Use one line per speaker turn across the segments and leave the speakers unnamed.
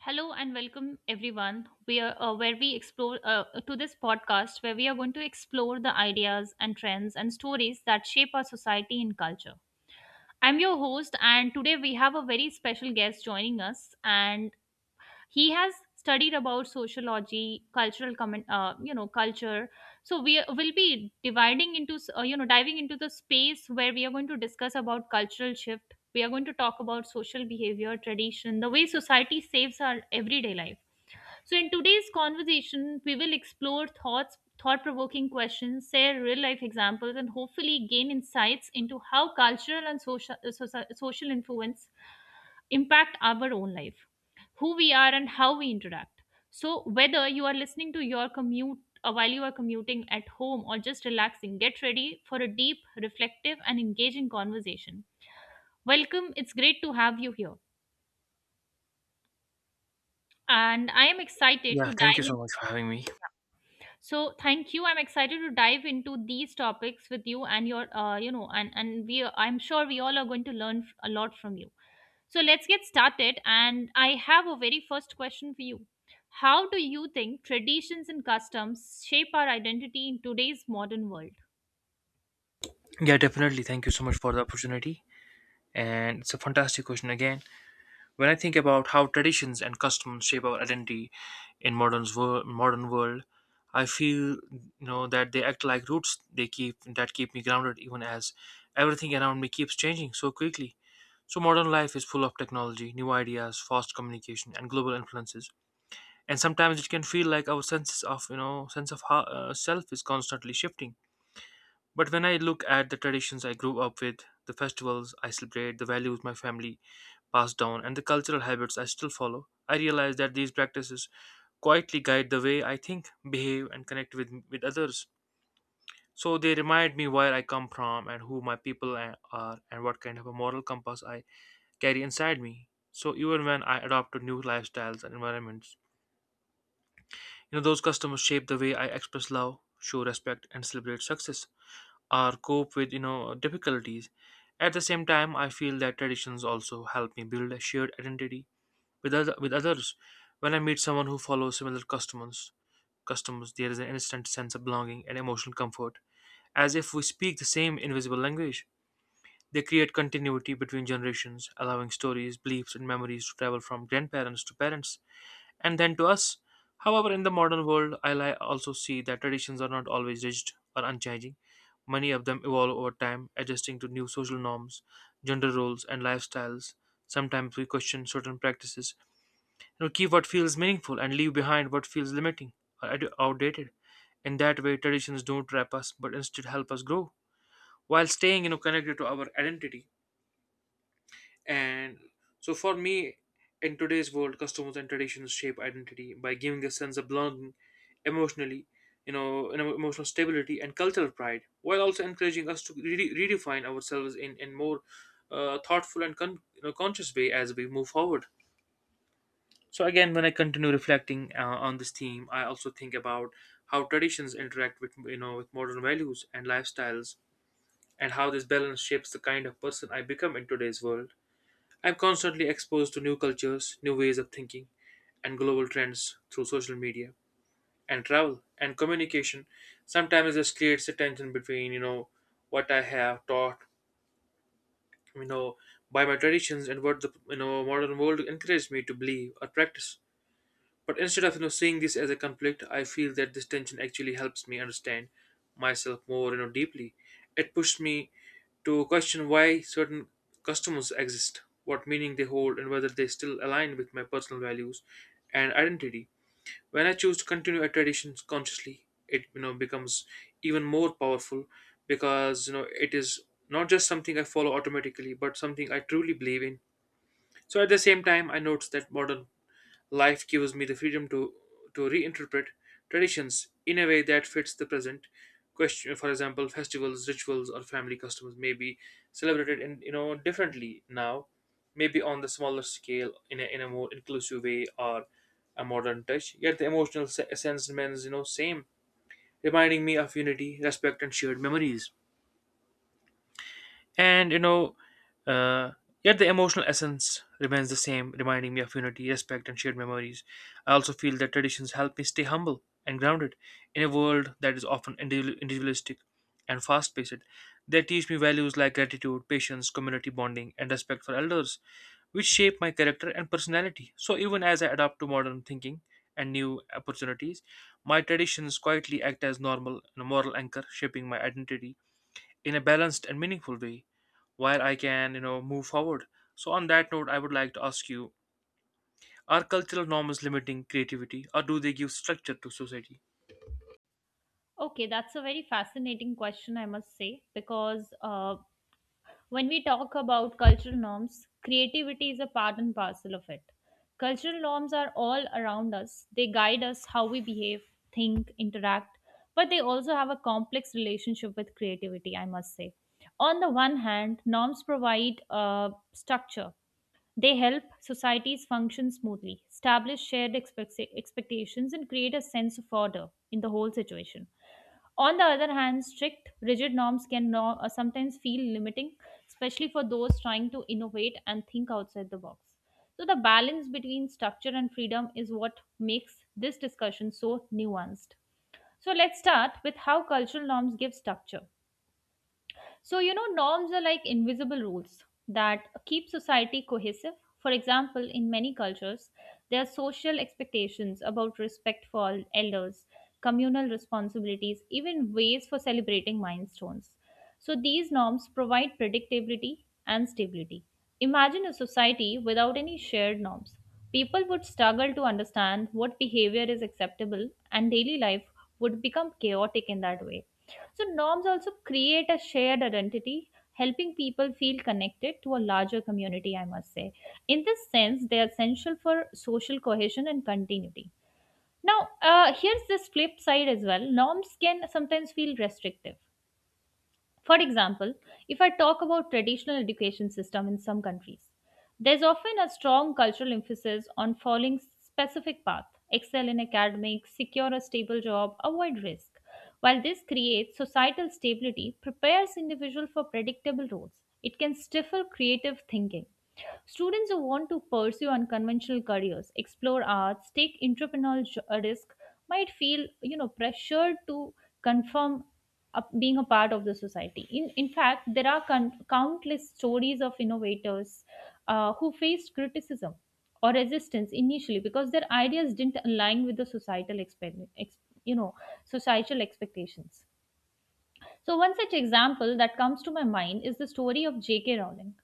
Hello and welcome everyone. We are where we explore to this podcast where we are going to explore the ideas and trends and stories that shape our society and culture. I'm your host and today we have a very special guest joining us. And he has studied about sociology, cultural comment, culture. So we will be dividing into you know diving into the space where we are going to discuss about cultural shift. We are going to talk about social behavior, tradition, the way society saves our everyday life. So, in today's conversation, we will explore thought provoking questions, share real life examples, and hopefully gain insights into how cultural and social influence impact our own life, who we are, and how we interact. So, whether you are listening to your commute, while you are commuting at home or just relaxing, get ready for a deep, reflective, and engaging conversation. Welcome. It's great to have you here. And I am excited
Yeah,
to
thank you so
dive.
much for having me.
So thank you. I'm excited to dive into these topics with you and your, you know, and we. I'm sure we all are going to learn a lot from you. So let's get started. And I have a very first question for you. How do you think traditions and customs shape our identity in today's modern world?
Yeah, definitely. Thank you so much for the opportunity. And it's a fantastic question again. When I think about how traditions and customs shape our identity in modern world, I feel that they act like roots. They keep that keep me grounded even as everything around me keeps changing so quickly. So modern life is full of technology, new ideas, fast communication, and global influences. And sometimes it can feel like our sense of self is constantly shifting. But when I look at the traditions I grew up with, the festivals I celebrate, the values my family passed down, and the cultural habits I still follow, I realize that these practices quietly guide the way I think, behave, and connect with others. So they remind me where I come from and who my people are and what kind of a moral compass I carry inside me. So even when I adopt to new lifestyles and environments, those customs shape the way I express love, show respect, and celebrate success, or cope with difficulties. At the same time, I feel that traditions also help me build a shared identity with with others. When I meet someone who follows similar customs, there is an instant sense of belonging and emotional comfort, as if we speak the same invisible language. They create continuity between generations, allowing stories, beliefs, and memories to travel from grandparents to parents and then to us. However, in the modern world, I also see that traditions are not always rigid or unchanging. Many of them evolve over time, adjusting to new social norms, gender roles, and lifestyles. Sometimes we question certain practices, and we keep what feels meaningful and leave behind what feels limiting or outdated. In that way, traditions don't trap us but instead help us grow while staying, connected to our identity. And so for me, in today's world, customs and traditions shape identity by giving a sense of belonging emotionally, and emotional stability and cultural pride, while also encouraging us to redefine ourselves in more thoughtful and conscious way as we move forward. So again, when I continue reflecting on this theme, I also think about how traditions interact with with modern values and lifestyles, and how this balance shapes the kind of person I become in today's world. I'm constantly exposed to new cultures, new ways of thinking, and global trends through social media and travel and communication. Sometimes it just creates a tension between, you know, what I have taught, you know, by my traditions and what the modern world encouraged me to believe or practice. But instead of seeing this as a conflict, I feel that this tension actually helps me understand myself more deeply. It pushed me to question why certain customs exist, what meaning they hold, and whether they still align with my personal values and identity. When I choose to continue a tradition consciously, it becomes even more powerful because it is not just something I follow automatically, but something I truly believe in. So at the same time, I notice that modern Life gives me the freedom to reinterpret traditions in a way that fits the present question. For example, festivals, rituals, or family customs may be celebrated in differently now, maybe on the smaller scale in a more inclusive way or a modern touch. Yet the emotional sense remains same, reminding me of unity, respect, and shared memories. And uh, yet the emotional essence remains the same, reminding me of unity, respect, and shared memories. I also feel that traditions help me stay humble and grounded in a world that is often individualistic and fast paced. They teach me values like gratitude, patience, community bonding, and respect for elders, which shape my character and personality. So, even as I adapt to modern thinking and new opportunities, my traditions quietly act as normal and moral anchor, shaping my identity in a balanced and meaningful way while I can, move forward. So on that note, I would like to ask you, are cultural norms limiting creativity or do they give structure to society?
Okay, that's a very fascinating question, I must say, because when we talk about cultural norms, creativity is a part and parcel of it. Cultural norms are all around us. They guide us how we behave, think, interact, but they also have a complex relationship with creativity, I must say. On the one hand, norms provide a structure. They help societies function smoothly, establish shared expectations, and create a sense of order in the whole situation. On the other hand, strict, rigid norms can sometimes feel limiting, especially for those trying to innovate and think outside the box. So, the balance between structure and freedom is what makes this discussion so nuanced. So, let's start with how cultural norms give structure. So, you know, norms are like invisible rules that keep society cohesive. For example, in many cultures, there are social expectations about respect for elders, communal responsibilities, even ways for celebrating milestones. So, these norms provide predictability and stability. Imagine a society without any shared norms. People would struggle to understand what behavior is acceptable, and daily life would become chaotic in that way. So, norms also create a shared identity, helping people feel connected to a larger community, I must say. In this sense, they are essential for social cohesion and continuity. Now, here's this flip side as well. Norms can sometimes feel restrictive. For example, if I talk about traditional education system in some countries, there's often a strong cultural emphasis on following specific path, excel in academics, secure a stable job, avoid risk. While this creates societal stability, prepares individual for predictable roles. It can stifle creative thinking. Students who want to pursue unconventional careers, explore arts, take entrepreneurial risk might feel, you know, pressured to confirm up being a part of the society. In fact, there are countless stories of innovators who faced criticism or resistance initially because their ideas didn't align with the societal expect- ex- you know societal expectations. So, one such example that comes to my mind is the story of J.K. Rowling,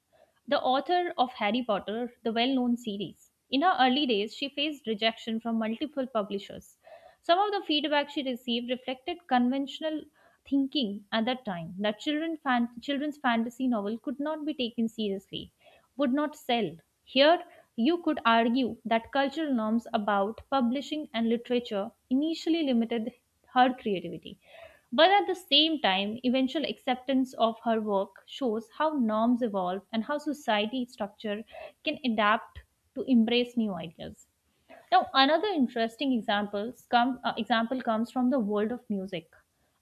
the author of Harry Potter, the well known series. In her early days, she faced rejection from multiple publishers. Some of the feedback she received reflected conventional thinking at that time that children's fantasy novel could not be taken seriously, would not sell. Here, you could argue that cultural norms about publishing and literature initially limited her creativity. But at the same time, eventual acceptance of her work shows how norms evolve and how society structure can adapt to embrace new ideas. Now, another example comes from the world of music.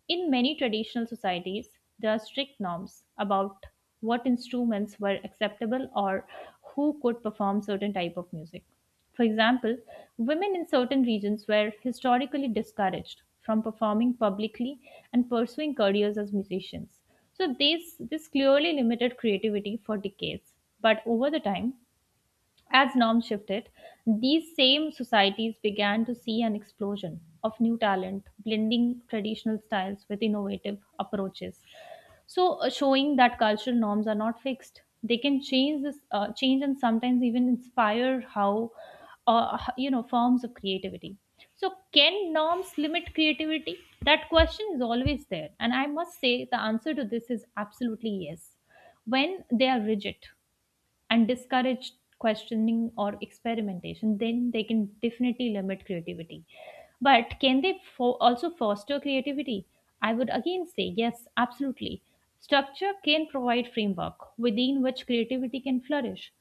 In many traditional societies, there are strict norms about what instruments were acceptable or who could perform certain type of music. For example, women in certain regions were historically discouraged from performing publicly and pursuing careers as musicians. So this clearly limited creativity for decades. But over the time, as norms shifted, these same societies began to see an explosion of new talent, blending traditional styles with innovative approaches. So, showing that cultural norms are not fixed, they can change, and sometimes even inspire how, h- you know, forms of creativity. So, can norms limit creativity? That question is always there, and I must say the answer to this is absolutely yes. When they are rigid and discourage questioning or experimentation, then they can definitely limit creativity. But can they also foster creativity? I would again say yes, absolutely. Structure can provide framework within which creativity can flourish.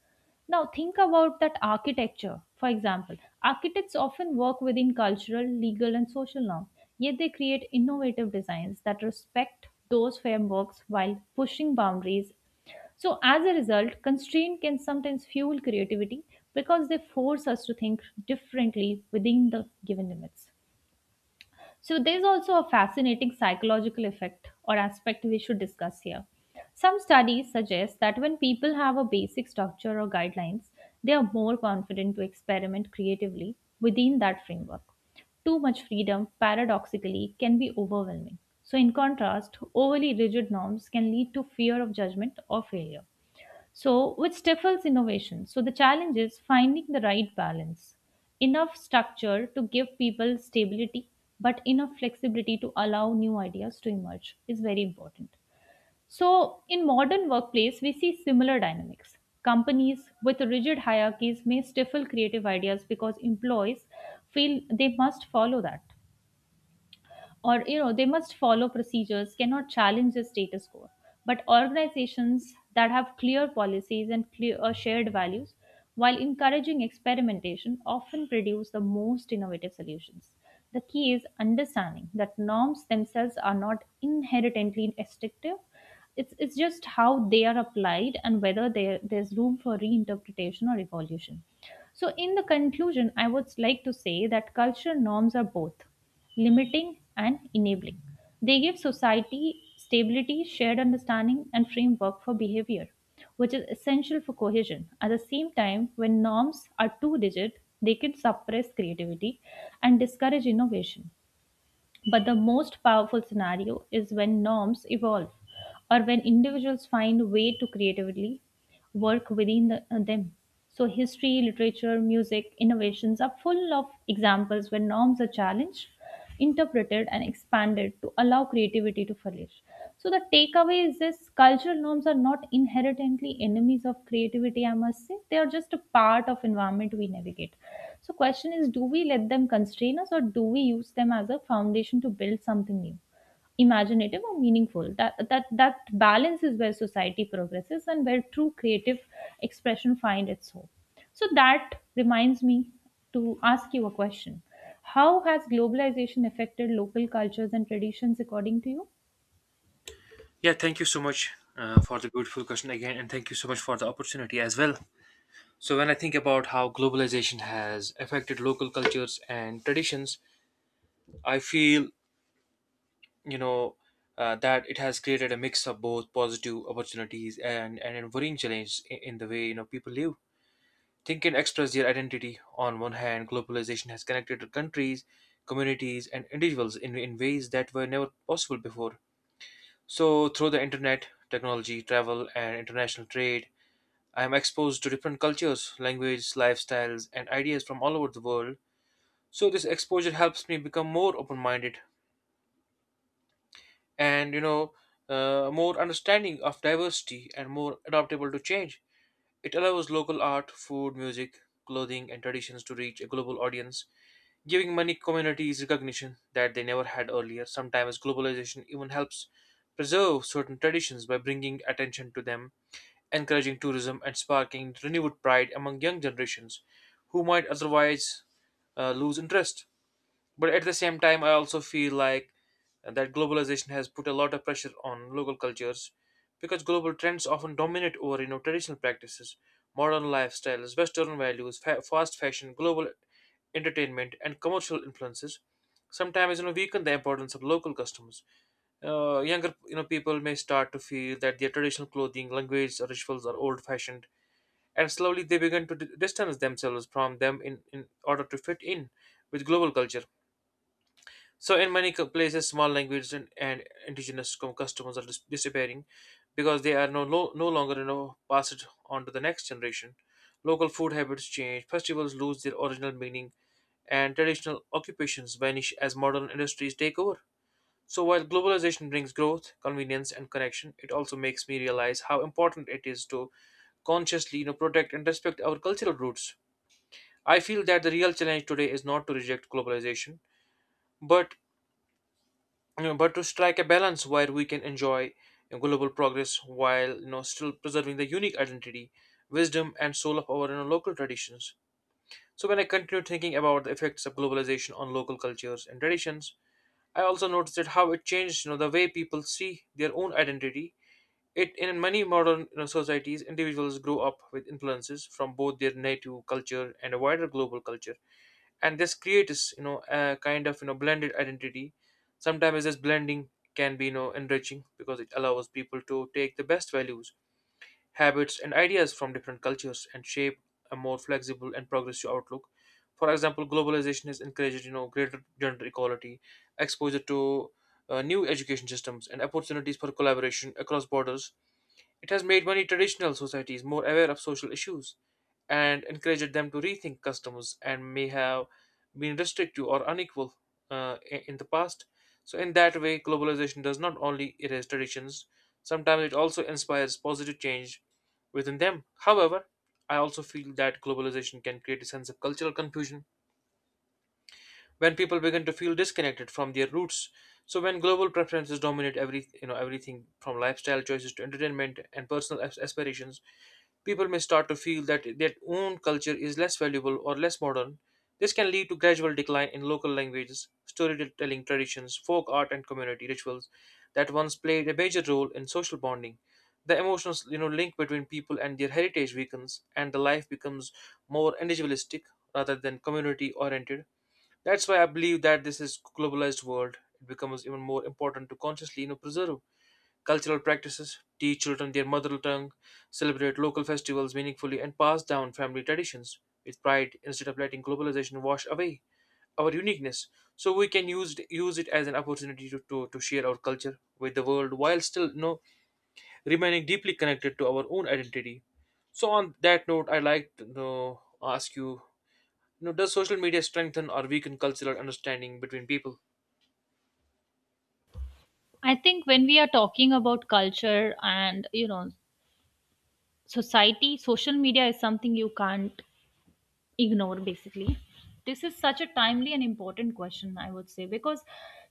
Now think about that architecture. For example, architects often work within cultural, legal, and social norms, yet they create innovative designs that respect those frameworks while pushing boundaries. So, as a result, constraint can sometimes fuel creativity because they force us to think differently within the given limits. So, there's also a fascinating psychological effect or aspect we should discuss here. Some studies suggest that when people have a basic structure or guidelines, they are more confident to experiment creatively within that framework. Too much freedom, paradoxically, can be overwhelming. So, in contrast, overly rigid norms can lead to fear of judgment or failure, So, which stifles innovation. So, the challenge is finding the right balance. Enough structure to give people stability, but enough flexibility to allow new ideas to emerge is very important. So, in modern workplace, we see similar dynamics. Companies with rigid hierarchies may stifle creative ideas because employees feel they must follow that, or you know they must follow procedures, cannot challenge the status quo. But organizations that have clear policies and clear shared values while encouraging experimentation often produce the most innovative solutions. The key is understanding that norms themselves are not inherently restrictive. It's just how they are applied and whether there's room for reinterpretation or evolution. So in the conclusion I would like to say that cultural norms are both limiting and enabling. They give society stability, shared understanding, and framework for behavior, which is essential for cohesion. At the same time, when norms are too rigid, they can suppress creativity and discourage innovation. But the most powerful scenario is when norms evolve or when individuals find a way to creatively work within them. So, history, literature, music, innovations are full of examples where norms are challenged, interpreted, and expanded to allow creativity to flourish. So the takeaway is this: cultural norms are not inherently enemies of creativity, I must say. They are just a part of environment we navigate. So question is, do we let them constrain us or do we use them as a foundation to build something new, imaginative or meaningful? That balance is where society progresses and where true creative expression find its home. So that reminds me to ask you a question. How has globalization affected local cultures and traditions according to you?
Yeah, thank you so much for the beautiful question again, and thank you so much for the opportunity as well. So, when I think about how globalization has affected local cultures and traditions, I feel, you know, that it has created a mix of both positive opportunities and a worrying challenge in the way, you know, people live. Think in extras their identity. On one hand, globalization has connected countries, communities, and individuals in ways that were never possible before. So, through the internet, technology, travel, and international trade, I am exposed to different cultures, languages, lifestyles, and ideas from all over the world. So, this exposure helps me become more open minded and more understanding of diversity and more adaptable to change. It allows local art, food, music, clothing, and traditions to reach a global audience, giving many communities recognition that they never had earlier. Sometimes globalization even helps preserve certain traditions by bringing attention to them, encouraging tourism, and sparking renewed pride among young generations who might otherwise lose interest. But at the same time, I also feel like that globalization has put a lot of pressure on local cultures because global trends often dominate over traditional practices, modern lifestyles, Western values, fast fashion, global entertainment, and commercial influences. Sometimes weaken the importance of local customs. Younger people may start to feel that their traditional clothing, language, or rituals are old-fashioned, and slowly they begin to distance themselves from them in order to fit in with global culture. So in many places, small language and indigenous customers are disappearing because they are no longer passed on to the next generation. Local food habits change, festivals lose their original meaning, and traditional occupations vanish as modern industries take over. So while globalization brings growth, convenience, and connection, it also makes me realize how important it is to consciously, protect and respect our cultural roots. I feel that the real challenge today is not to reject globalization, but but to strike a balance where we can enjoy global progress while still preserving the unique identity, wisdom, and soul of our local traditions. So when I continue thinking about the effects of globalization on local cultures and traditions, I also noticed that how it changed the way people see their own identity. It in many modern, societies, individuals grow up with influences from both their native culture and a wider global culture, and this creates, a kind of, blended identity. Sometimes this blending can be, enriching, because it allows people to take the best values, habits, and ideas from different cultures and shape a more flexible and progressive outlook. For example, globalization has encouraged, greater gender equality, exposure to new education systems, and opportunities for collaboration across borders. It has made many traditional societies more aware of social issues and encouraged them to rethink customs and may have been restrictive or unequal in the past. So, in that way, globalization does not only erase traditions, sometimes it also inspires positive change within them. However, I also feel that globalization can create a sense of cultural confusion when people begin to feel disconnected from their roots. So when global preferences dominate every, everything from lifestyle choices to entertainment and personal aspirations, people may start to feel that their own culture is less valuable or less modern. This can lead to gradual decline in local languages, storytelling traditions, folk art, and community rituals that once played a major role in social bonding. The emotional, link between people and their heritage weakens, and the life becomes more individualistic rather than community oriented. That's why I believe that this is globalized world. It becomes even more important to consciously, preserve cultural practices, teach children their mother tongue, celebrate local festivals meaningfully, and pass down family traditions with pride instead of letting globalization wash away our uniqueness. So we can use use it as an opportunity to share our culture with the world while still, remaining deeply connected to our own identity. So on that note, I'd like to, ask you, does social media strengthen or weaken cultural understanding between people?
I think when we are talking about culture and you know society, social media is something you can't ignore basically. This is such a timely and important question I would say, because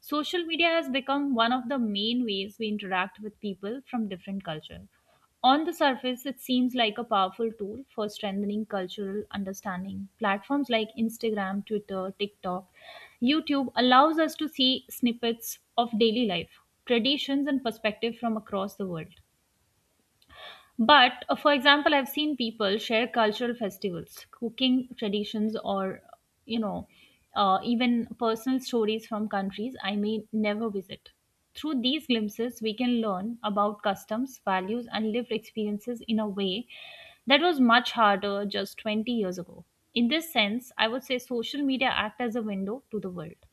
social media has become one of the main ways we interact with people from different cultures. On the surface, it seems like a powerful tool for strengthening cultural understanding. Platforms like Instagram, Twitter, TikTok, YouTube allows us to see snippets of daily life, traditions and perspective from across the world. But for example, I've seen people share cultural festivals, cooking traditions, or you know, even personal stories from countries I may never visit. Through these glimpses, we can learn about customs, values, and lived experiences in a way that was much harder just 20 years ago. In this sense, I would say social media act as a window to the world.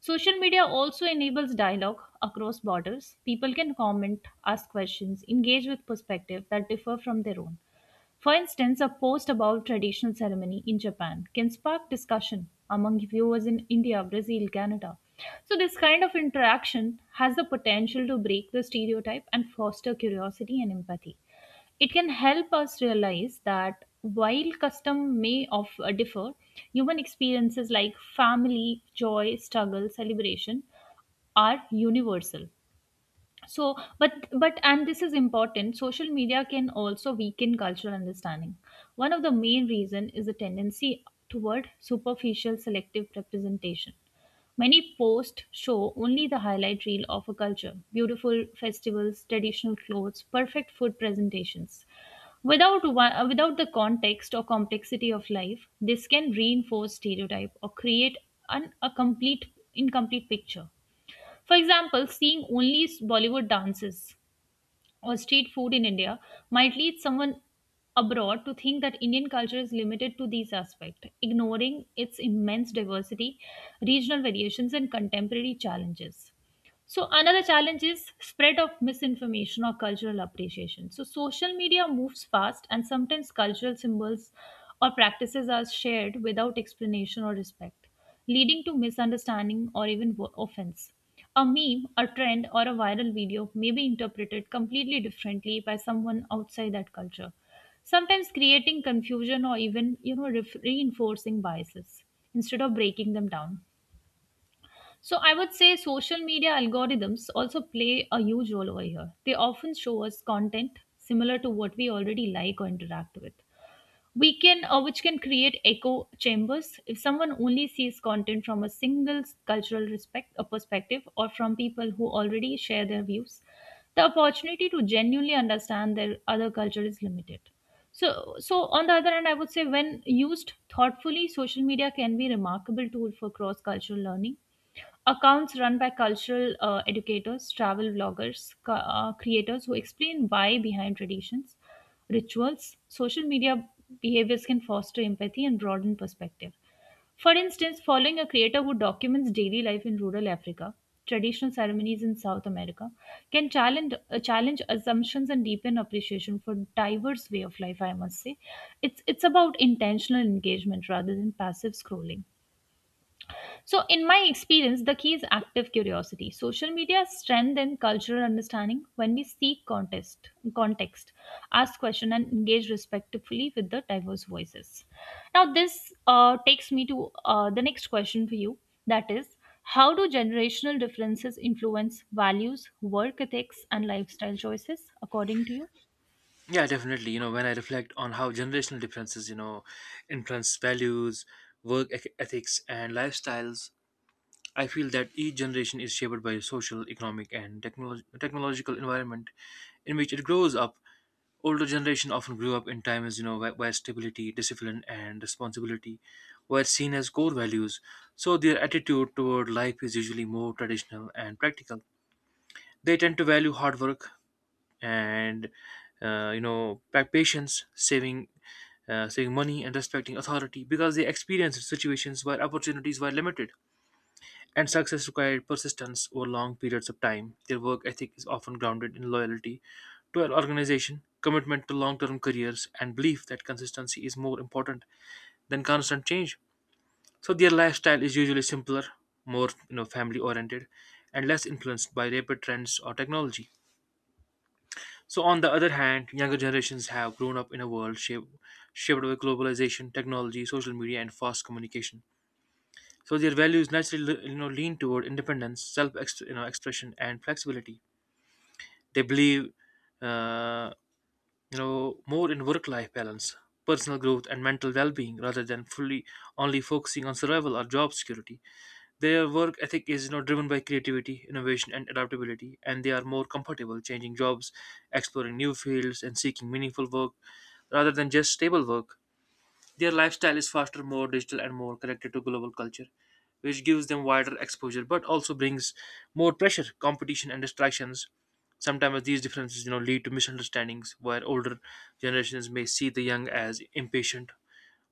Social media also enables dialogue across borders. People can comment, ask questions, engage with perspectives that differ from their own. For instance, a post about traditional ceremony in Japan can spark discussion among viewers in India, Brazil, Canada. So, this kind of interaction has the potential to break the stereotype and foster curiosity and empathy. It can help us realize that while custom may of differ, human experiences like family, joy, struggle, celebration are universal. So but but and this is important. Social media can also weaken cultural understanding. One of the main reason is the tendency toward superficial selective representation. Many posts show only the highlight reel of a culture, beautiful festivals, traditional clothes, perfect food presentations, without the context or complexity of life. This can reinforce stereotype or create an, a complete incomplete picture. For example, seeing only Bollywood dances or street food in India might lead someone abroad to think that Indian culture is limited to these aspects, ignoring its immense diversity, regional variations, and contemporary challenges. So another challenge is spread of misinformation or cultural appreciation. So social media moves fast and sometimes cultural symbols or practices are shared without explanation or respect, leading to misunderstanding or even offense. A meme, a trend or a viral video may be interpreted completely differently by someone outside that culture, sometimes creating confusion or even, reinforcing biases instead of breaking them down. So I would say social media algorithms also play a huge role over here. They often show us content similar to what we already like or interact with. Which can create echo chambers. If someone only sees content from a single cultural respect, a perspective, or from people who already share their views, the opportunity to genuinely understand their other culture is limited. So, on the other hand, I would say when used thoughtfully, social media can be a remarkable tool for cross-cultural learning. Accounts run by cultural educators, travel vloggers, creators who explain why behind traditions, rituals, social media behaviors can foster empathy and broaden perspective. For instance, following a creator who documents daily life in rural Africa, traditional ceremonies in South America, can challenge assumptions and deepen appreciation for diverse way of life. I must say, it's about intentional engagement rather than passive scrolling. So, in my experience, the key is active curiosity. Social media strengthens cultural understanding when we seek context, ask question, and engage respectfully with the diverse voices. Now, this takes me to the next question for you. That is, how do generational differences influence values, work ethics, and lifestyle choices, according to you?
Yeah, definitely. You know, when I reflect on how generational differences, you know, influence values, ethics, and lifestyles, I feel that each generation is shaped by social, economic, and technological environment in which it grows up. Older generation often grew up in times, you know, where stability, discipline, and responsibility were seen as core values. So their attitude toward life is usually more traditional and practical. They tend to value hard work, and you know patience saving saving money and respecting authority because they experienced situations where opportunities were limited and success required persistence over long periods of time. Their work ethic is often grounded in loyalty to an organization, commitment to long-term careers, and belief that consistency is more important than constant change. So their lifestyle is usually simpler, more you know family oriented, and less influenced by rapid trends or technology. So, on the other hand, younger generations have grown up in a world shaped by globalization, technology, social media, and fast communication. So, their values naturally you know, lean toward independence, self you know, expression, and flexibility. They believe uh, you know, more in work life balance, personal growth, and mental well being rather than fully only focusing on survival or job security. Their work ethic is you know, driven by creativity, innovation, and adaptability, and they are more comfortable changing jobs, exploring new fields, and seeking meaningful work rather than just stable work. Their lifestyle is faster, more digital, and more connected to global culture, which gives them wider exposure but also brings more pressure, competition, and distractions. Sometimes these differences you know, lead to misunderstandings, where older generations may see the young as impatient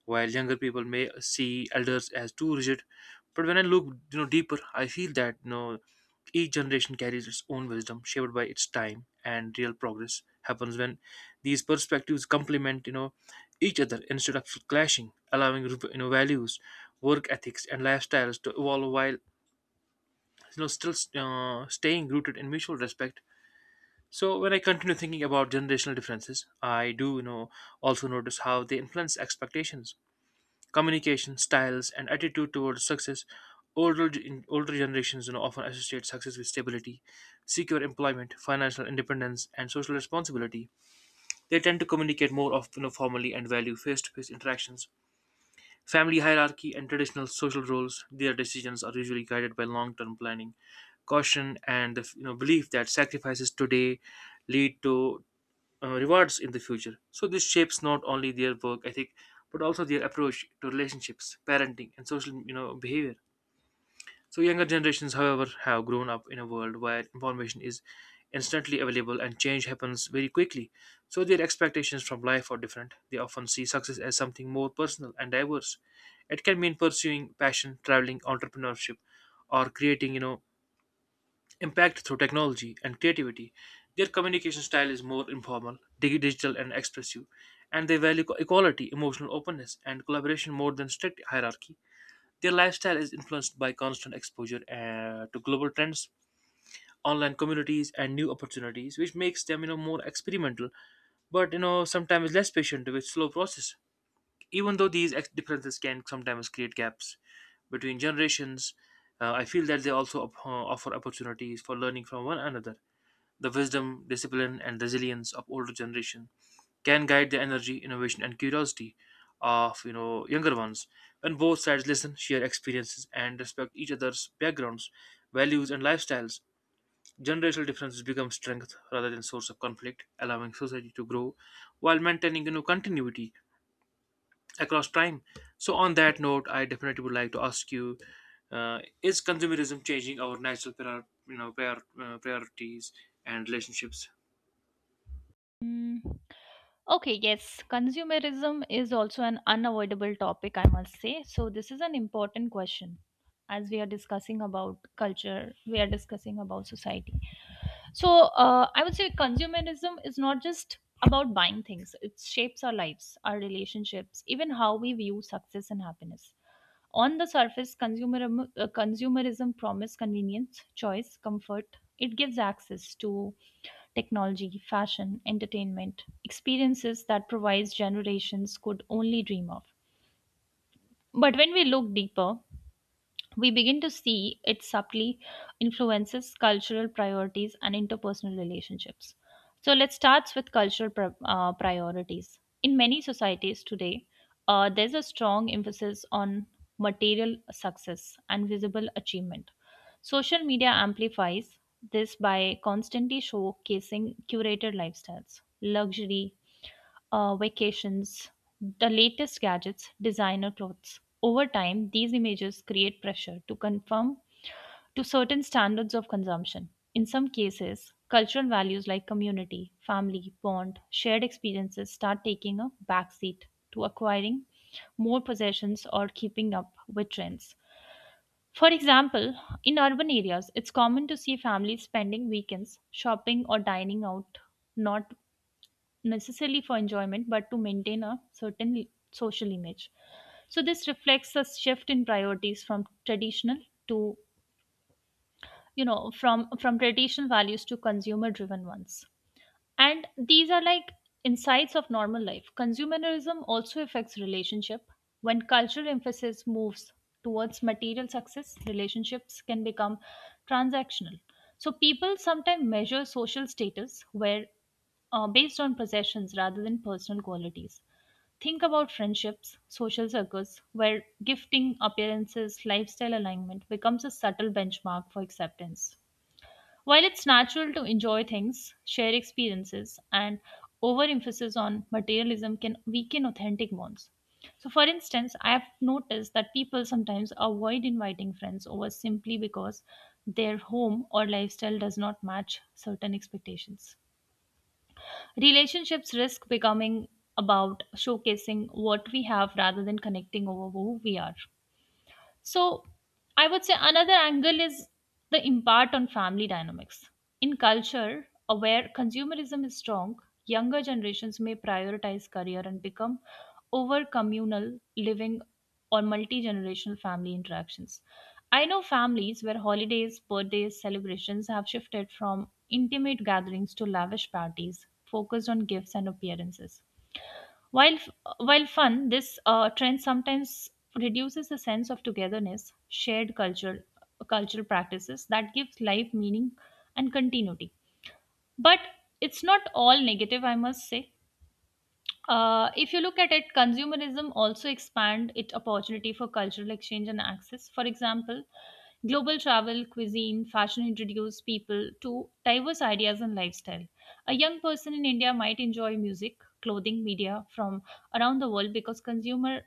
while younger people may see elders as too rigid. But when I look, you know, deeper, I feel that you know, each generation carries its own wisdom, shaped by its time, and real progress happens when these perspectives complement, you know, each other instead of clashing, allowing you know values, work ethics, and lifestyles to evolve while you know still staying rooted in mutual respect. So when I continue thinking about generational differences, I do you know also notice how they influence expectations, communication styles, and attitude towards success. Older generations you know, often associate success with stability, secure employment, financial independence, and social responsibility. They tend to communicate more often formally and value face-to-face interactions, family hierarchy, and traditional social roles. Their decisions are usually guided by long-term planning, caution, and the you know belief that sacrifices today lead to rewards in the future. So this shapes not only their work ethic but also their approach to relationships, parenting, and social you know behavior. So younger generations, however, have grown up in a world where information is instantly available and change happens very quickly. So their expectations from life are different. They often see success as something more personal and diverse. It can mean pursuing passion, traveling, entrepreneurship, or creating you know impact through technology and creativity. Their communication style is more informal, digital, and expressive, and they value equality, emotional openness, and collaboration more than strict hierarchy. Their lifestyle is influenced by constant exposure to global trends, online communities, and new opportunities, which makes them, you know, more experimental, but you know, sometimes less patient with slow process. Even though these differences can sometimes create gaps between generations, I feel that they also offer opportunities for learning from one another. The wisdom, discipline, and resilience of older generation can guide the energy, innovation, and curiosity of you know younger ones. When both sides listen, share experiences, and respect each other's backgrounds, values, and lifestyles, generational differences become strength rather than source of conflict, allowing society to grow while maintaining you know continuity across time. So on that note, I definitely would like to ask you, is consumerism changing our natural priorities and relationships?
Mm. Okay, yes, consumerism is also an unavoidable topic, I must say. So, this is an important question. As we are discussing about culture, we are discussing about society. So, I would say consumerism is not just about buying things, it shapes our lives, our relationships, even how we view success and happiness. On the surface, consumerism promises convenience, choice, comfort. It gives access to technology, fashion, entertainment, experiences that previous generations could only dream of. But when we look deeper, we begin to see it subtly influences cultural priorities and interpersonal relationships. So let's start with cultural priorities. In many societies today, there's a strong emphasis on material success and visible achievement. Social media amplifies this by constantly showcasing curated lifestyles, luxury, vacations, the latest gadgets, designer clothes. Over time, these images create pressure to conform to certain standards of consumption. In some cases, cultural values like community, family, bond, shared experiences start taking a backseat to acquiring more possessions or keeping up with trends. For example, in urban areas, it's common to see families spending weekends shopping or dining out, not necessarily for enjoyment but to maintain a certain social image. So this reflects a shift in priorities from traditional to, you know, from traditional values to consumer driven ones. And these are like insights of normal life. Consumerism also affects relationship. When cultural emphasis moves towards material success, relationships can become transactional. So people sometimes measure social status where based on possessions rather than personal qualities. Think about friendships, social circles, where gifting, appearances, lifestyle alignment becomes a subtle benchmark for acceptance. While it's natural to enjoy things, share experiences, and overemphasis on materialism can weaken authentic bonds. So, for instance, I have noticed that people sometimes avoid inviting friends over simply because their home or lifestyle does not match certain expectations. Relationships risk becoming about showcasing what we have rather than connecting over who we are. So I would say another angle is the impact on family dynamics. In culture where consumerism is strong, younger generations may prioritize career and become over communal living or multi generational family interactions. I know families where holidays, birthdays, celebrations have shifted from intimate gatherings to lavish parties focused on gifts and appearances. While while fun, this trend sometimes reduces the sense of togetherness, shared culture, cultural practices that gives life meaning and continuity. But it's not all negative, I must say. If you look at it, consumerism also expand its opportunity for cultural exchange and access. For example, global travel, cuisine, fashion introduce people to diverse ideas and lifestyle. A young person in India might enjoy music, clothing, media from around the world because consumer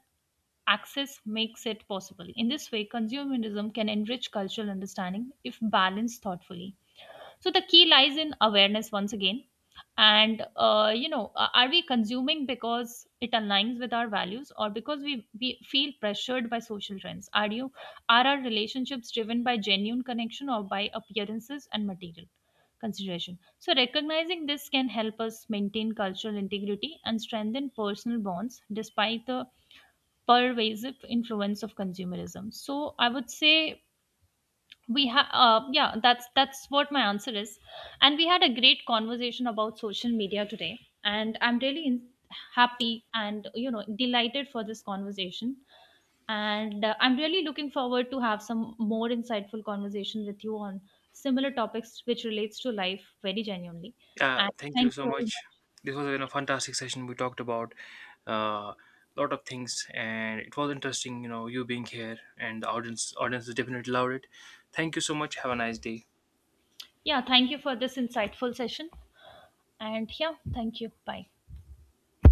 access makes it possible. In this way, consumerism can enrich cultural understanding if balanced thoughtfully. So the key lies in awareness once again. And, you know, are we consuming because it aligns with our values or because we feel pressured by social trends? Are our relationships driven by genuine connection or by appearances and material consideration? So recognizing this can help us maintain cultural integrity and strengthen personal bonds despite the pervasive influence of consumerism. So I would say we have yeah, that's what my answer is. And we had a great conversation about social media today, and happy and, you know, delighted for this conversation. And I'm really looking forward to have some more insightful conversation with you on similar topics which relates to life very genuinely.
Yeah,
And
thank you
thank
so
you very
much.
much.
This was a you know, fantastic session. We talked about a lot of things, and it was interesting. You know, you being here and the audience definitely loved it. Thank you so much. Have a nice day.
Yeah, thank you for this insightful session. And yeah, thank you. Bye.